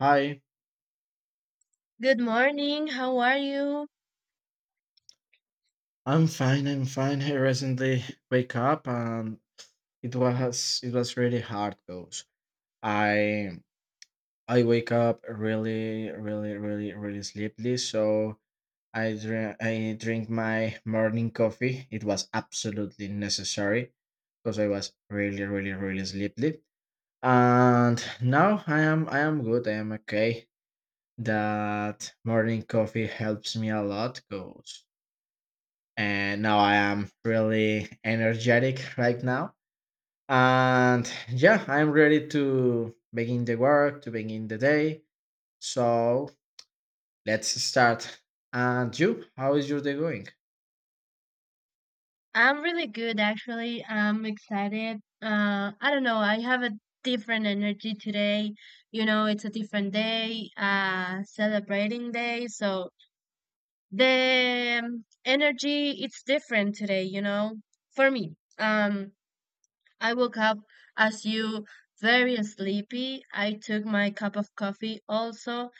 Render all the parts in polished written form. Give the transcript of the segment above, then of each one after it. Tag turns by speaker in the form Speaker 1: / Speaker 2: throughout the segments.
Speaker 1: Hi,
Speaker 2: Good morning. How are you?
Speaker 1: I'm fine. I recently wake up and it was really hard goes. I I wake up really sleepy, so I drink my morning coffee. It was absolutely necessary because I was really sleepy. And now I am good. I am okay. That morning coffee helps me a lot goes, and now I am really energetic right now. And yeah, I'm ready to begin the work, to begin the day. So let's start. And you, how is your day going?
Speaker 2: I'm really good, actually. I'm excited. I don't know. I have a different energy today. You know, it's a different day, celebrating day. So the energy, it's different today, you know, for me. I woke up as you very sleepy. I took my cup of coffee also,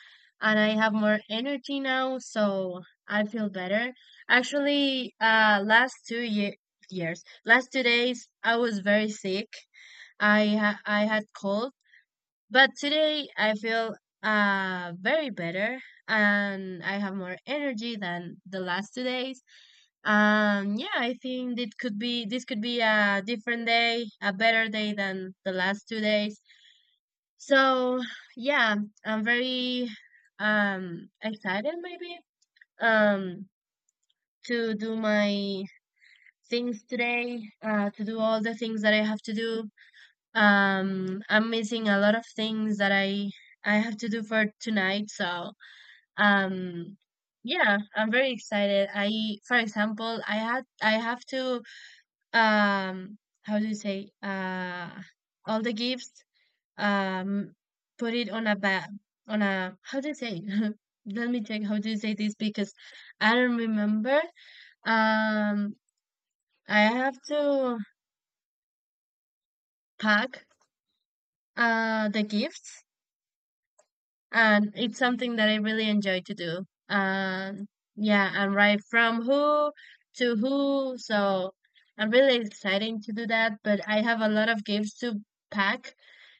Speaker 2: and I have more energy now, so I feel better. Actually, last two ye years, last 2 days, I was very sick. I had cold, but today I feel very better and I have more energy than the last 2 days. Yeah, I think it could be this could be a different day, a better day than the last 2 days. So yeah, I'm very excited maybe um to do my things today, to do all the things that I have to do I'm missing a lot of things that I have to do for tonight, so um yeah, I'm very excited. I For example, I have to, how do you say, all the gifts, um put it on a bag, on a, how do you say it? Let me check how do you say this, because I don't remember. um I have to pack the gifts, and it's something that I really enjoy to do. And yeah, and write from who to who. So I'm really excited to do that, but I have a lot of gifts to pack,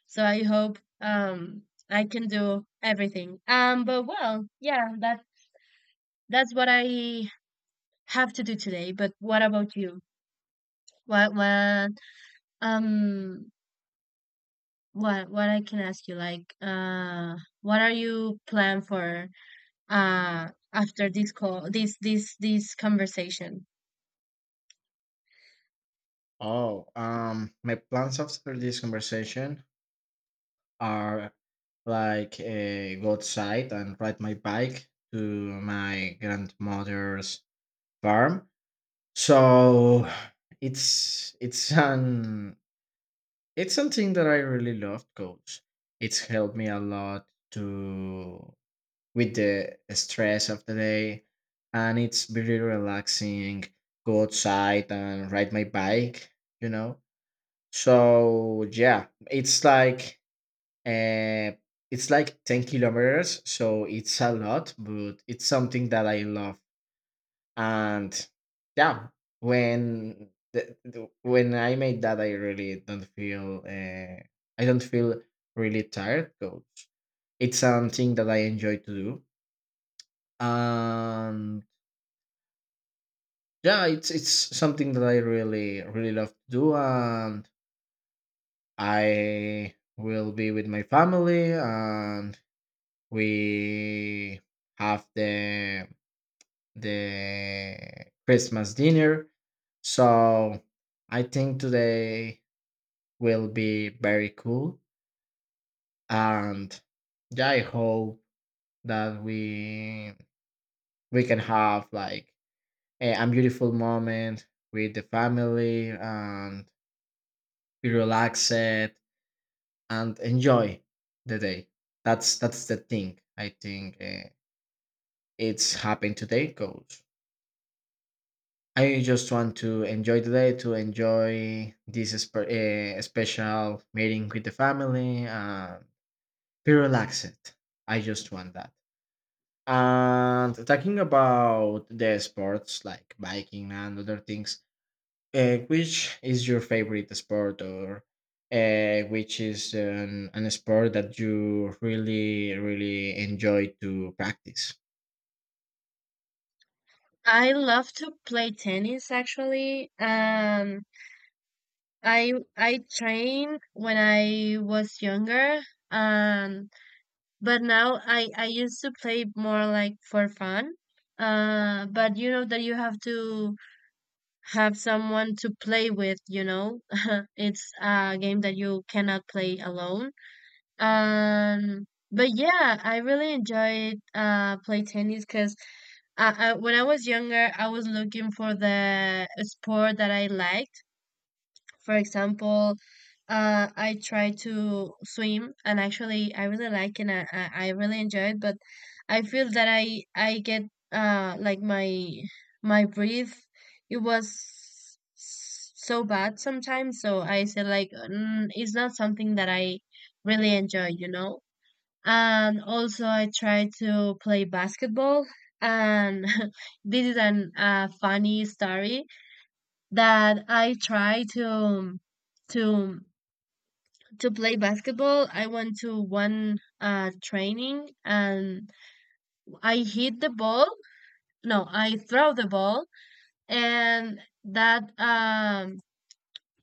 Speaker 2: so I hope I can do everything. But well, yeah, that's what I have to do today. But what about you? What um what I can ask you, like, what are you plan for uh after this call, this conversation?
Speaker 1: Oh, my plans after this conversation are go outside and ride my bike to my grandmother's farm. So it's it's an It's something that I really love because it's helped me a lot to with the stress of the day, and it's very relaxing go outside and ride my bike, you know. So yeah, uh it's like 10 kilometers, so it's a lot, but it's something that I love. And yeah, when when I made that, I really don't feel I don't feel really tired 'cause it's something that I enjoy to do. And yeah, it's something that I really love to do, and I will be with my family, and we have the Christmas dinner. So I think today will be very cool. And yeah, I hope that we can have like a beautiful moment with the family and be relaxed and enjoy the day. That's the thing. I think it's happened today, coach. I just want to enjoy the day, to enjoy this special meeting with the family, and be relaxed. I just want that. And talking about the sports like biking and other things, which is your favorite sport, or which is an sport that you really enjoy to practice?
Speaker 2: I love to play tennis, actually. I trained when I was younger. um but now I used to play more like for fun. But you know that you have to have someone to play with, you know? It's a game that you cannot play alone. But yeah, I really enjoyed play tennis, because when I was younger, I was looking for the sport that I liked. For example, I tried to swim, and actually, I really like and I really enjoy it. But I feel that I get like my breath, it was so bad sometimes. So I said like, mm, it's not something that I really enjoy, you know. And also I try to play basketball. And this is an a funny story, that I try to to play basketball. I went to one training, and I hit the ball. No, I throw the ball, and that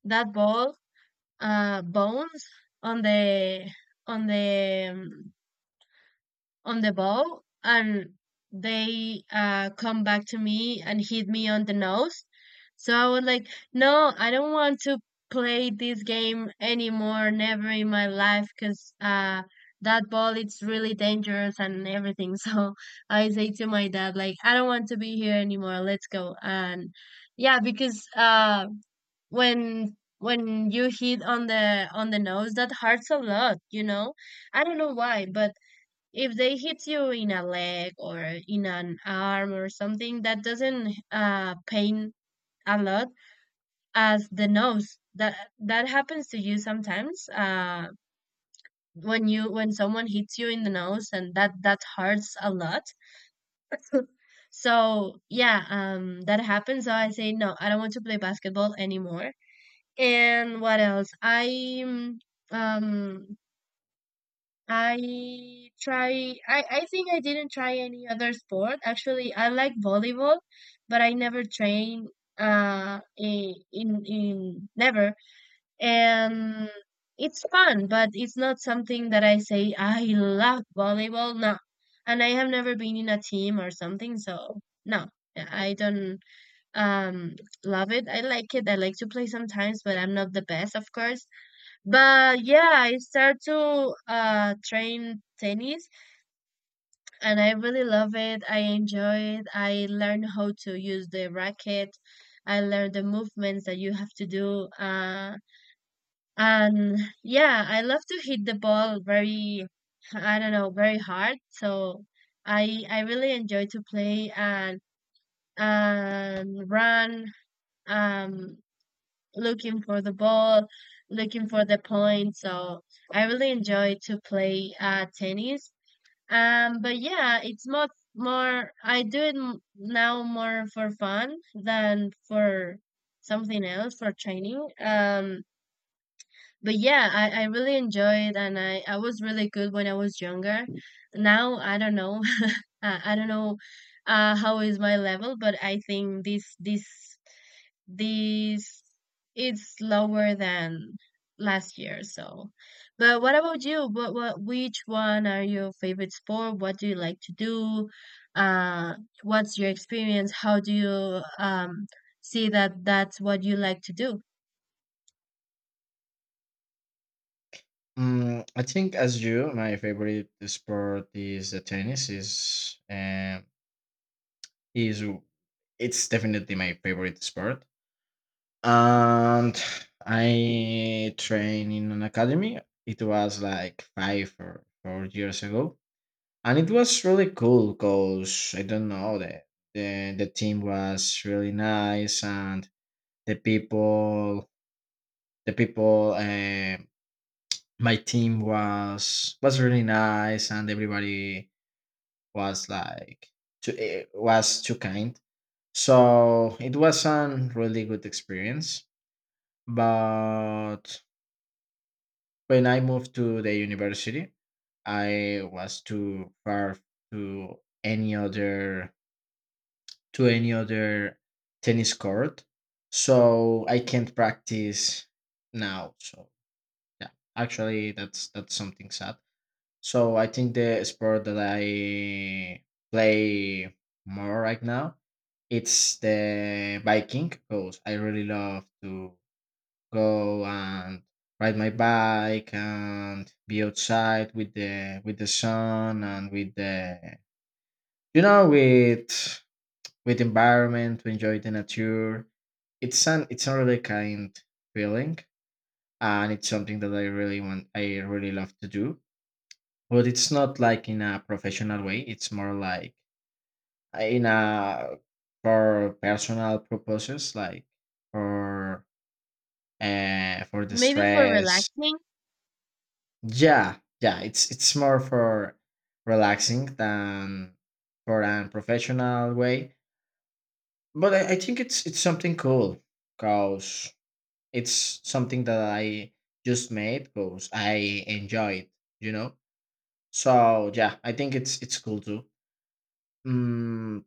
Speaker 2: that ball bones on the on the on the ball, and they come back to me and hit me on the nose. So I was like, no, I don't want to play this game anymore, never in my life, because that ball it's really dangerous and everything. So I say to my dad, like, I don't want to be here anymore. Let's go. And yeah, because when you hit on the nose, that hurts a lot, you know. I don't know why, but if they hit you in a leg or in an arm or something, that doesn't pain a lot as the nose. That that happens to you sometimes, when you when someone hits you in the nose, and that that hurts a lot. So yeah, that happens. So I say, no, I don't want to play basketball anymore. And what else, um I try, I think I didn't try any other sport. Actually, I like volleyball, but I never trained in never. And it's fun, but it's not something that I say I love volleyball. No. And I have never been in a team or something, so no. Yeah, I don't um love it. I like it. I like to play sometimes, but I'm not the best, of course. But yeah, I start to train tennis, and I really love it. I enjoy it. I learn how to use the racket. I learn the movements that you have to do. And yeah, I love to hit the ball very, I don't know, very hard. So I really enjoy to play and run. Um Looking for the ball, looking for the point. So I really enjoy to play tennis. But yeah, it's much more. I do it now more for fun than for something else, for training. But yeah, I really enjoy it, and I was really good when I was younger. Now I don't know. I don't know how is my level, but I think this it's lower than last year. So, but what about you? What which one are your favorite sport? What do you like to do? Uh, what's your experience? How do you see that that's what you like to do?
Speaker 1: I think, as you, my favorite sport is the tennis. Is It's definitely my favorite sport. And I trained in an academy. It was like 5 or 4 years ago, and it was really cool because I don't know, the the team was really nice, and the people the people my team was really nice, and everybody was was too kind. So it was a really good experience, but when I moved to the university, I was too far to any other any other tennis court, so I can't practice now. So yeah, actually, that's something sad. So I think the sport that I play more right now, it's the biking because I really love to go and ride my bike and be outside with the sun, and with the, you know, with the environment, to enjoy the nature. It's an it's a really kind feeling, and it's something that I really love to do, but it's not like in a professional way. It's more like in a for personal purposes, like for for the
Speaker 2: Maybe for
Speaker 1: stress.
Speaker 2: relaxing.
Speaker 1: Yeah, yeah, it's more for relaxing than for an professional way. But I think it's something cool because it's something that I just made because I enjoy it, you know? So yeah, I think it's cool too. Mm,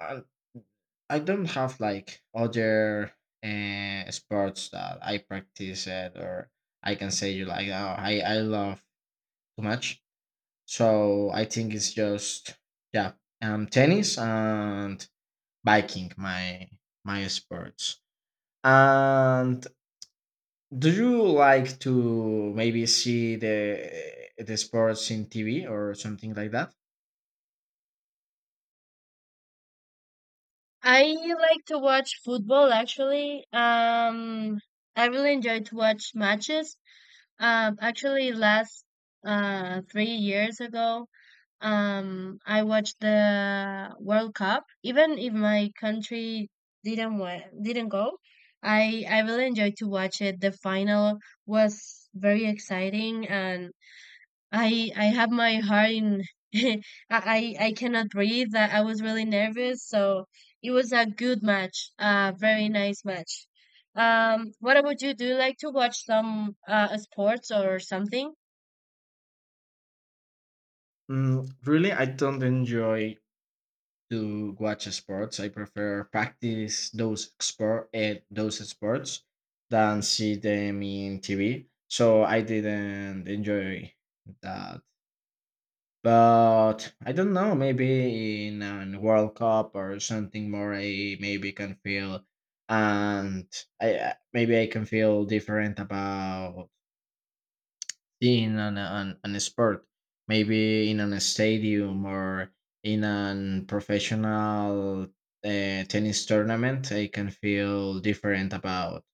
Speaker 1: I, I don't have like other sports that I practice it, or I can say you like, oh, I love too much. So I think it's just, yeah, tennis and biking my sports. And do you like to maybe see the sports in TV or something like that?
Speaker 2: I like to watch football, actually. I really enjoy to watch matches. Actually last 3 years ago, I watched the World Cup. Even if my country didn't go, I really enjoyed to watch it. The final was very exciting, and I have my heart in. I I I cannot breathe. I was really nervous, so it was a good match. A very nice match. What about you? Do you like to watch some sports or something?
Speaker 1: Really, I don't enjoy to watch sports. I prefer practice those sports than see them in TV. So I didn't enjoy that. But I don't know, maybe in a World Cup or something more, I maybe can feel, and maybe I can feel different about being on on a sport, maybe in a stadium or in a professional tennis tournament. I can feel different about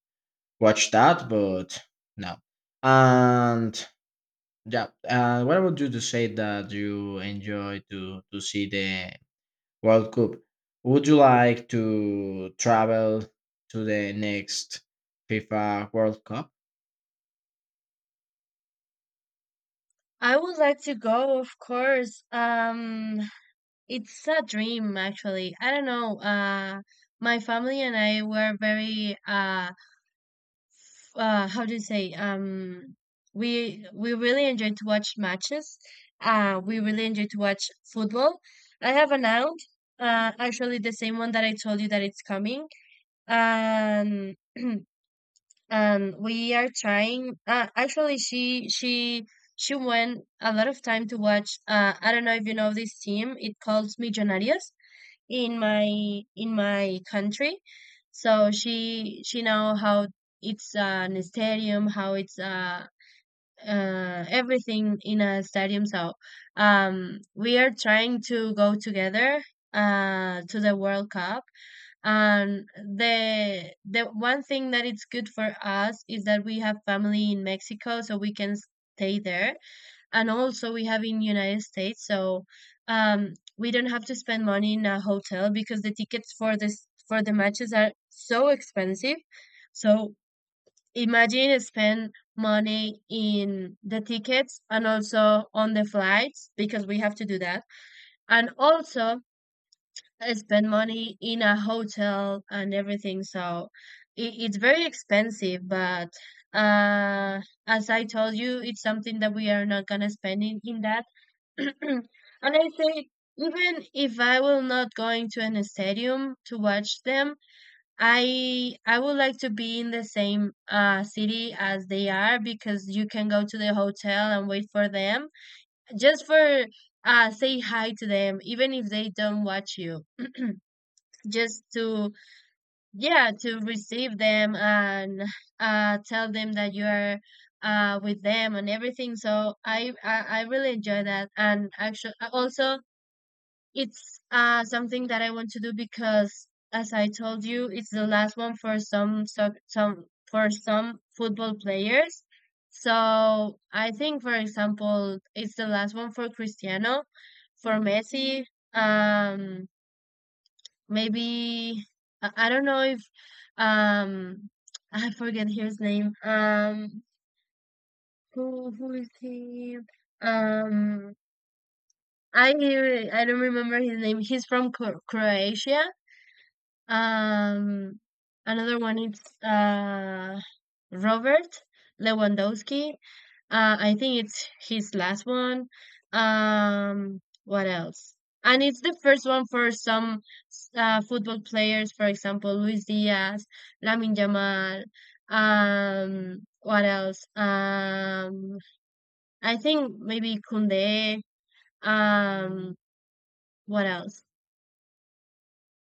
Speaker 1: watch that, but no. And yeah. What about you to say that you enjoy to see the World Cup? Would you like to travel to the next FIFA World Cup?
Speaker 2: I would like to go, of course. It's a dream, actually. I don't know. My family and I were very how do you say? We really enjoyed to watch matches. We really enjoyed to watch football. I have an aunt, actually the same one that I told you that it's coming. Um, and we are trying. Actually, she went a lot of time to watch. I don't know if you know this team. It calls Millonarios, in my in my country. So she know how it's an stadium, how it's everything in a stadium. So we are trying to go together to the World Cup. And the one thing that it's good for us is that we have family in Mexico, so we can stay there, and also we have in United States, so we don't have to spend money in a hotel, because the tickets for this for the matches are so expensive. So imagine spend money in the tickets and also on the flights, because we have to do that, and also spend money in a hotel and everything. So it's very expensive, but uh as I told you, it's something that we are not gonna spend in that. And I say, even if I will not going to an stadium to watch them, I would like to be in the same city as they are, because you can go to the hotel and wait for them, just for say hi to them, even if they don't watch you. Just to, yeah, to receive them and tell them that you are with them and everything. So I really enjoy that. And actually also, it's something that I want to do because, as I told you, it's the last one for some football players. So I think, for example, it's the last one for Cristiano, for Messi. Um, maybe I don't know if um I forget his name. Who is he? Um, I I don't remember his name. He's from Croatia. Um, another one is Robert Lewandowski. I think it's his last one. What else? And it's the first one for some football players, for example, Luis Diaz, Lamin Yamal. What else? I think maybe Kunde. Um, what else?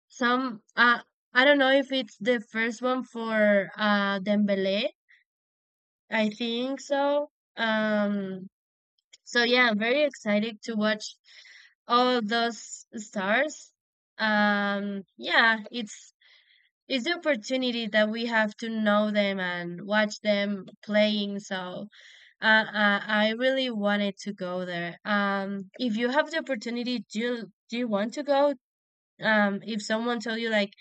Speaker 2: Some I don't know if it's the first one for Dembele. I think so. Um so yeah, I'm very excited to watch all those stars. Yeah, it's the opportunity that we have to know them and watch them playing. So I really wanted to go there. If you have the opportunity, do you want to go? If someone told you like,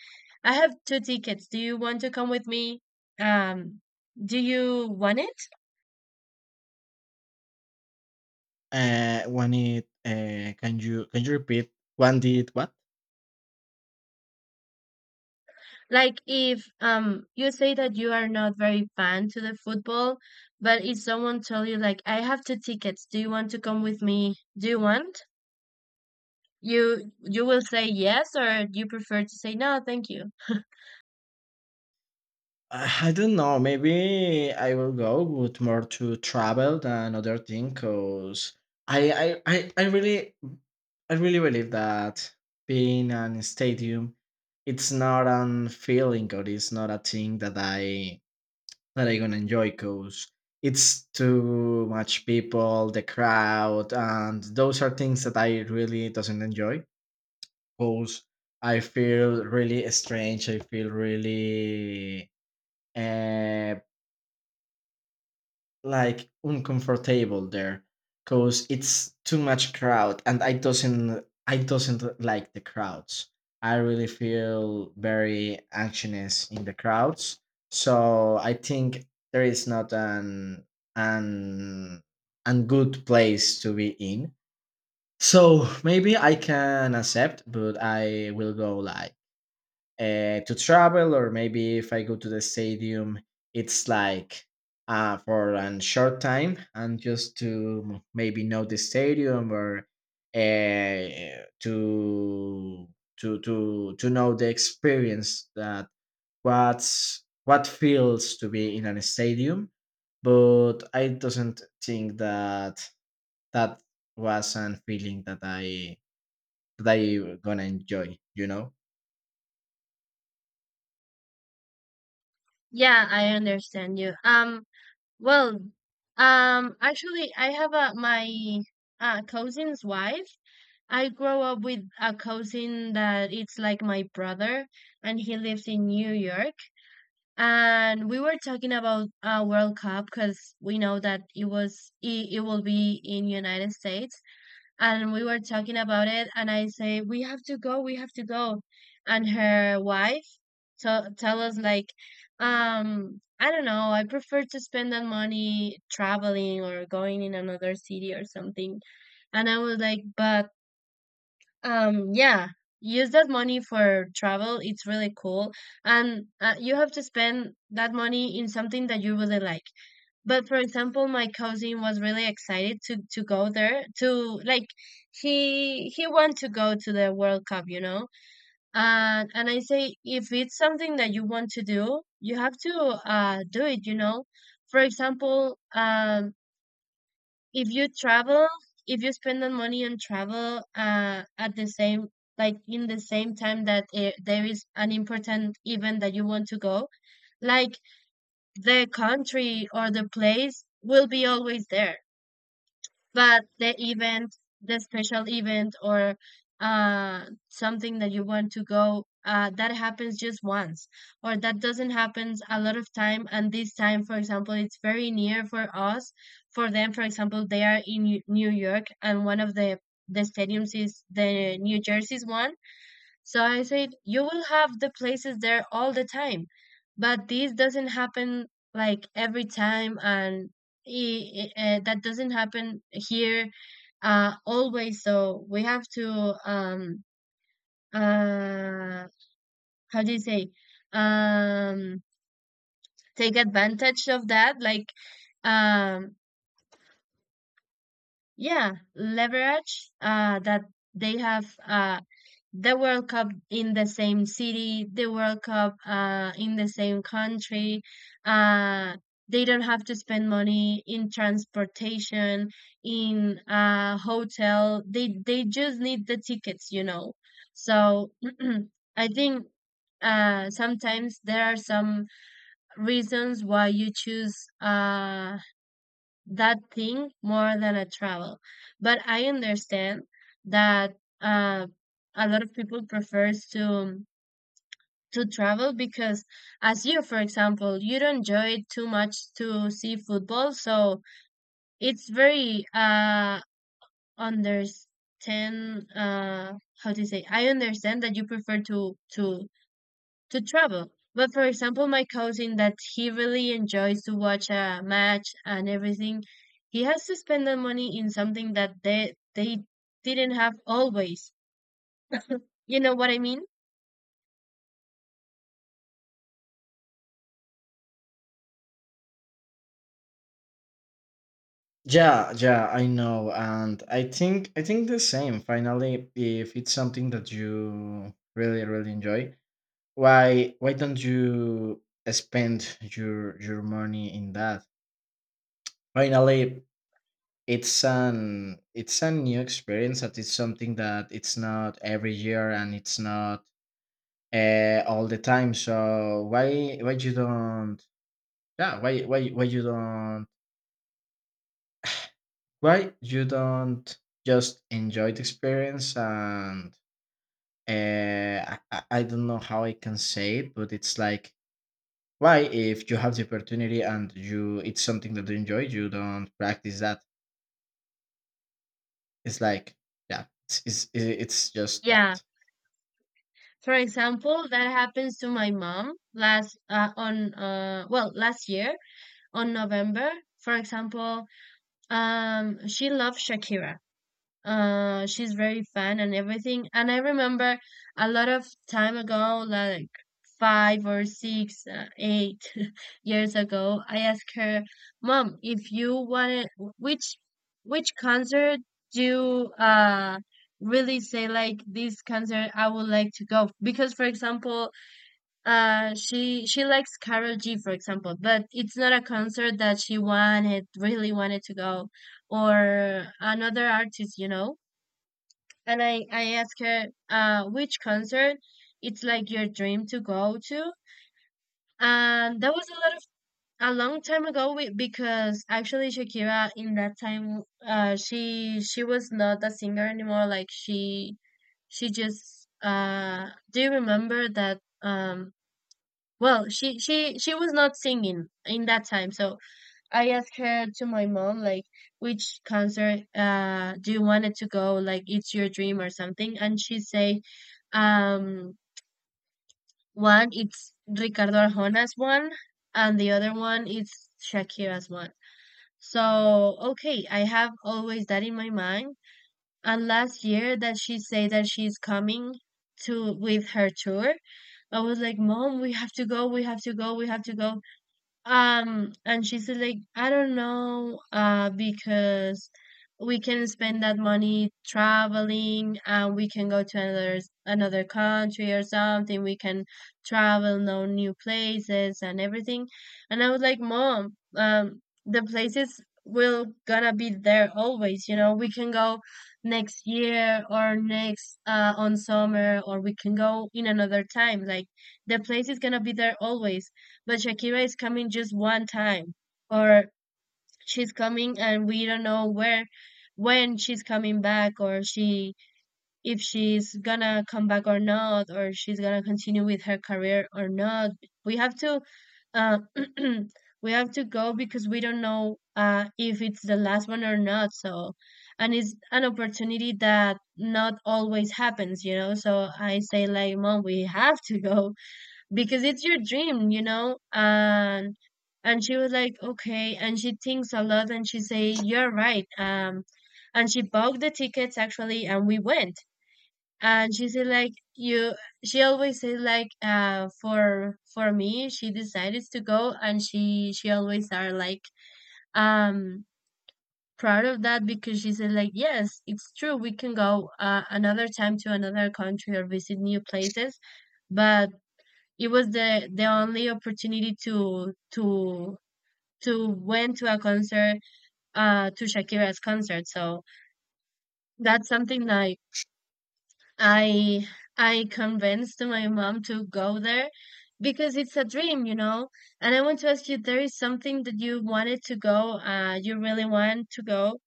Speaker 2: I have two tickets, do you want to come with me? Um, do you want it?
Speaker 1: When it Can you can you repeat when did what?
Speaker 2: Like if you say that you are not very fan to the football, but if someone told you like, I have two tickets, do you want to come with me? Do you want? You will say yes, or you prefer to say no, thank you?
Speaker 1: I don't know. Maybe I will go with more to travel than other thing, cause I I, I, I really I really believe that being in a stadium, it's not an feeling, or it's not a thing that I gonna enjoy, cause it's too much people, the crowd, and those are things that I really doesn't enjoy, cause I feel really strange. I feel really, uh, like uncomfortable there because it's too much crowd, and I doesn't like the crowds. I really feel very anxious in the crowds. So I think there is not an an good place to be in. So maybe I can accept, but I will go like to travel, or maybe if I go to the stadium, it's like for a short time, and just to maybe know the stadium, or uh, to to know the experience that what's what feels to be in a stadium. But I doesn't think that that was a feeling that I gonna enjoy, you know.
Speaker 2: Yeah, I understand you. Well, actually, I have a my cousin's wife. I grow up with a cousin that it's like my brother, and he lives in New York. And we were talking about World Cup because we know that it will be in United States, and we were talking about it. And I say we have to go, we have to go, and her wife t- tell us like, I don't know, I prefer to spend that money traveling or going in another city or something. And I was like, but yeah, use that money for travel. It's really cool. And you have to spend that money in something that you really like. But for example, my cousin was really excited to go there to like he want to go to the World Cup, you know? And I say if it's something that you want to do, you have to do it, you know? For example, if you travel, if you spend the money on travel, at the same like in the same time that there is an important event that you want to go, like the country or the place will be always there, but the event, the special event or something that you want to go that happens just once, or that doesn't happen a lot of time. And this time, for example, it's very near for us, for them. For example, they are in New York, and one of the stadiums is the New Jersey's one. So I said, you will have the places there all the time, but this doesn't happen like every time. And that doesn't happen here always. So we have to uh how do you say, um take advantage of that, like um yeah, leverage that they have the World Cup in the same city, the World Cup in the same country. Uh, they don't have to spend money in transportation, in a hotel. They just need the tickets, you know. So I think sometimes there are some reasons why you choose uh, that thing more than a travel. But I understand that uh, a lot of people prefers to travel because, as you, for example, you don't enjoy it too much to see football. So it's very understand how to say. I understand that you prefer to travel. But for example, my cousin that he really enjoys to watch a match and everything, he has to spend the money in something that they didn't have always. You know what I mean?
Speaker 1: Yeah, yeah, I know, and I think the same. Finally, if it's something that you really enjoy, why don't you spend your money in that? Finally, it's an it's a new experience. That it's something that it's not every year, and it's not all the time. So why you don't? Yeah, why you don't? Why you don't just enjoy the experience? And I don't know how I can say it, but it's like, why if you have the opportunity, and you, it's something that you enjoy, you don't practice that. It's like, yeah, it's just
Speaker 2: Yeah.
Speaker 1: that.
Speaker 2: For example, that happens to my mom last year on November. For example, she loves Shakira. She's very fan and everything. And I remember a lot of time ago, like five or six, eight years ago, I asked her, "Mom, if you wanted, which which concert do you really say like this concert I would like to go?" Because, for example, she likes Karol G, for example, but it's not a concert that she wanted really wanted to go, or another artist, you know. And I asked her, which concert it's like your dream to go to. And that was a lot of, a long time ago, we, because actually Shakira in that time she was not a singer anymore, like she just do you remember that? She was not singing in that time. So I asked her to my mom like which concert do you wanted to go, like it's your dream or something. And she say, um one it's Ricardo Arjona's one, and the other one is Shakira's one. So okay, I have always that in my mind. And last year, that she said that she's coming to with her tour, I was like, "Mom, we have to go, we have to go, we have to go." And she said like, I don't know, because we can spend that money traveling and we can go to another country or something. We can travel, know new places and everything. And I was like, Mom, the places will gonna be there always, you know. We can go next year or next on summer, or we can go in another time. Like the place is gonna be there always, but Shakira is coming just one time. Or she's coming and we don't know where, when she's coming back, or she if she's gonna come back or not, or she's gonna continue with her career or not. We have to, uh, we have to go because we don't know if it's the last one or not. So, and it's an opportunity that not always happens, you know. So I say like, mom, we have to go because it's your dream, you know? And she was like, okay. And she thinks a lot and she say, you're right. And she bought the tickets actually, and we went. And she said like you. She always said like for me, she decided to go, and she always are like um proud of that because she said like yes, it's true we can go another time to another country or visit new places, but it was the only opportunity to went to a concert, to Shakira's concert. So that's something like I I convinced my mom to go there because it's a dream, you know. And I want to ask you, there is something that you wanted to go, you really want to go.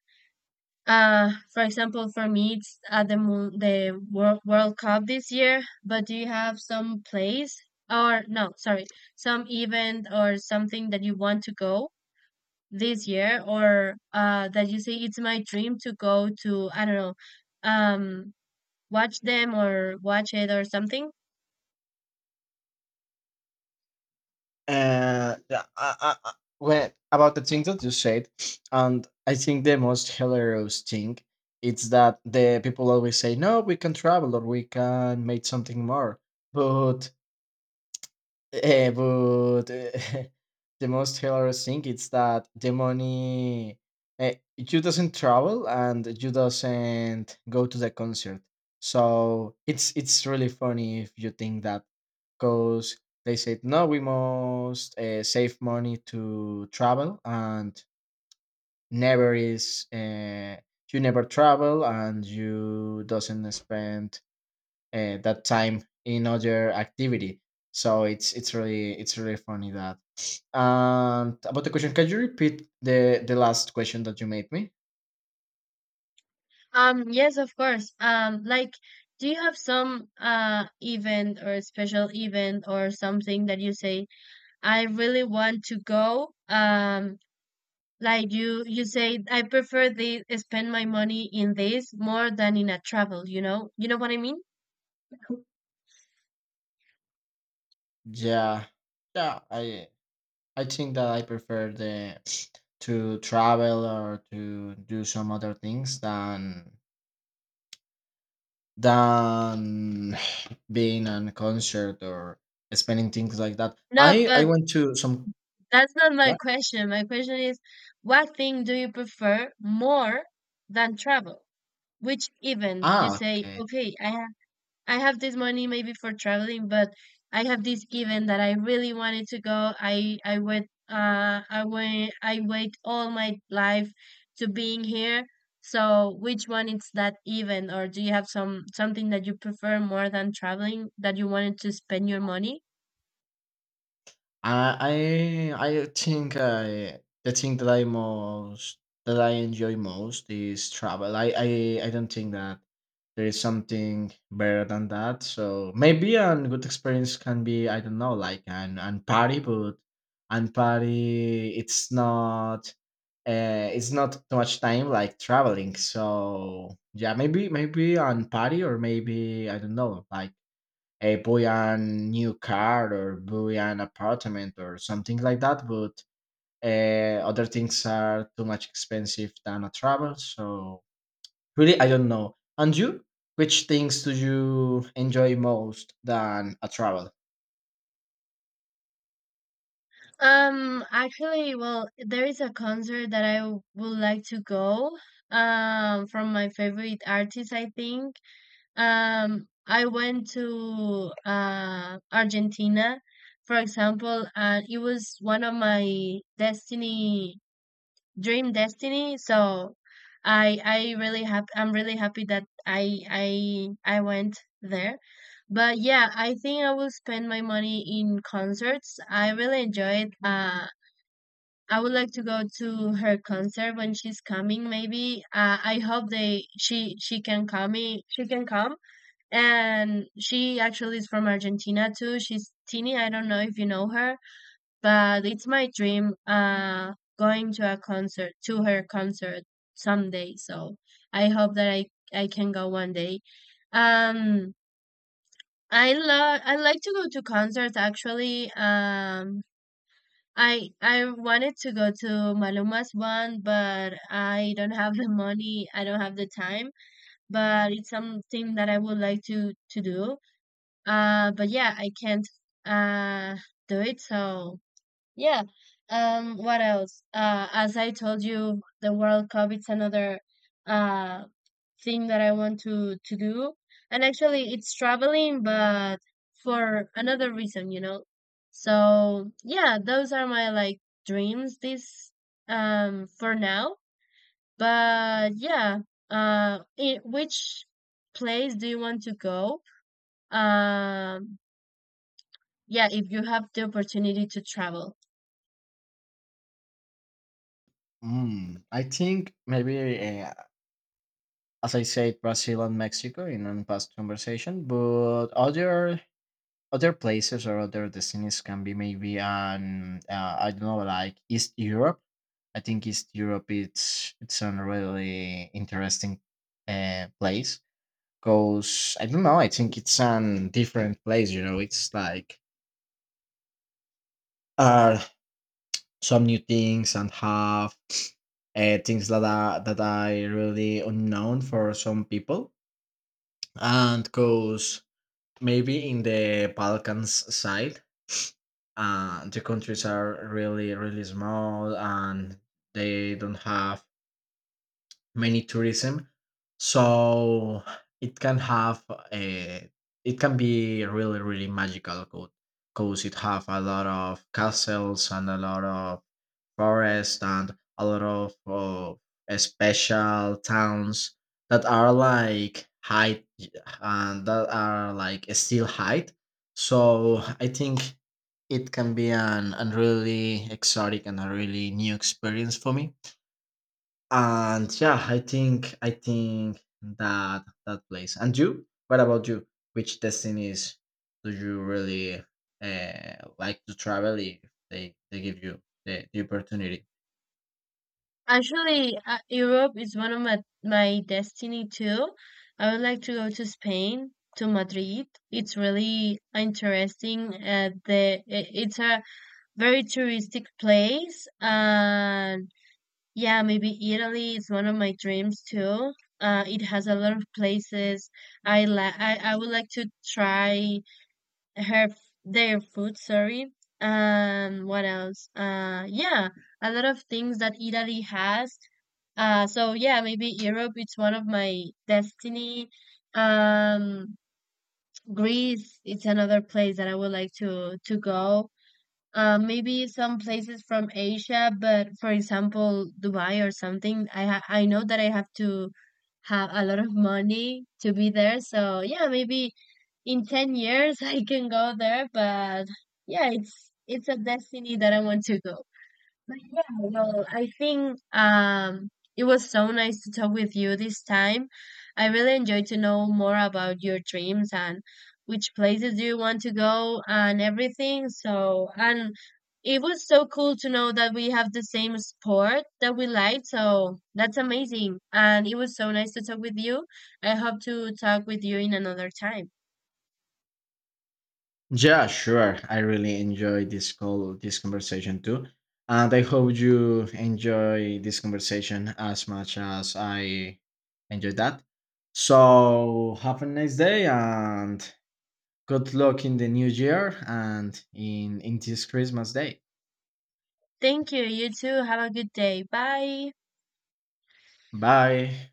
Speaker 2: For example, for me, it's the World Cup this year. But do you have some place, or no, sorry, some event or something that you want to go this year, or that you say it's my dream to go to? I don't know, um, watch them or watch it or something.
Speaker 1: Uh, yeah, I, I, I- about the thing that you said, and I think the most hilarious thing, it's that the people always say, no, we can travel or we can make something more, but Eh, but eh, the most hilarious thing is that the money, you doesn't travel and you doesn't go to the concert. So it's really funny if you think that, because they said no, we must save money to travel, and never is you never travel, and you doesn't spend that time in other activity. So it's really funny that. And about the question, can you repeat the last question that you made me?
Speaker 2: Yes, of course. Like, do you have some event or special event or something that you say, I really want to go? Like you say, I prefer the spend my money in this more than in a travel, you know? You know what I mean?
Speaker 1: Yeah, yeah. I think that I prefer the to travel or to do some other things than than being on a concert or spending things like that.
Speaker 2: No,
Speaker 1: I
Speaker 2: but
Speaker 1: went to some.
Speaker 2: that's not my
Speaker 1: Yeah.
Speaker 2: question. My question is, what thing do you prefer more than travel? Which even you
Speaker 1: Ah,
Speaker 2: say,
Speaker 1: okay.
Speaker 2: okay, I have this money maybe for traveling, but I have this given that I really wanted to go. I wait all my life to being here. So which one is that even, or do you have some something that you prefer more than traveling that you wanted to spend your money?
Speaker 1: I the thing that I enjoy most is travel. I don't think that there is something better than that. So maybe a good experience can be, I don't know, like an party, but an party it's not too much time like traveling. So yeah, maybe on party, or maybe I don't know, like a buy a new car or buy an apartment or something like that. But other things are too much expensive than a travel. So really, I don't know. And you, which things do you enjoy most than a travel?
Speaker 2: Actually, well, there is a concert that would like to go. From my favorite artist, I think. I went to Argentina, for example, and it was one of my destiny, dream destiny. So I really happy. I'm really happy that I went there. But yeah, I think I will spend my money in concerts. I really enjoyed. I would like to go to her concert when she's coming. Maybe. I hope they she can come. She can come, and she actually is from Argentina too. She's Tini. I don't know if you know her, but it's my dream going to a concert, to her concert someday. So I hope that I can go one day. Um I like to go to concerts actually. I wanted to go to Maluma's one, but I don't have the money, I don't have the time, but it's something that I would like to do. But yeah, I can't uh do it. So yeah. What else? As I told you, the World Cup it's another uh thing that I want to do, and actually it's traveling, but for another reason, you know. So yeah, those are my like dreams. This for now, but yeah. I Which place do you want to go? Um yeah, if you have the opportunity to travel,
Speaker 1: I think maybe, as I said, Brazil and Mexico in a past conversation, but other places or other destinies can be maybe an I don't know, like East Europe. I think East Europe it's a really interesting place, because I don't know. I think it's an different place. You know, it's like uh some new things, and have things that are really unknown for some people. And because maybe in the Balkans side, the countries are really small, and they don't have many tourism, so it can have a, it can be really magical, because it have a lot of castles and a lot of forest and a lot of special towns that are like height, and that are like still height. So I think it can be an really exotic and a really new experience for me. And yeah, I think that that place. And you? What about you? Which destinies do you really like to travel if they give you the opportunity?
Speaker 2: actually, Europe is one of my my destiny too. I would like to go to Spain, to Madrid. It's really interesting. It's a very touristic place. And yeah, maybe Italy is one of my dreams too. It has a lot of places. I would like to try their food, sorry. What else Yeah, a lot of things that Italy has. So yeah, maybe Europe it's one of my destiny. um Greece it's another place that I would like to go. Maybe some places from Asia, but for example Dubai or something, I know that I have to have a lot of money to be there. So yeah, maybe in 10 years I can go there. But yeah, it's a destiny that I want to go. But yeah, well, I think it was so nice to talk with you this time. I really enjoyed to know more about your dreams and which places do you want to go and everything. So, and it was so cool to know that we have the same sport that we like. So that's amazing. And it was so nice to talk with you. I hope to talk with you in another time.
Speaker 1: Yeah, sure. I really enjoyed this call, this conversation too. And I hope you enjoy this conversation as much as I enjoyed that. So have a nice day, and good luck in the new year, and in this Christmas day.
Speaker 2: Thank you. You too. Have a good day. Bye.
Speaker 1: Bye.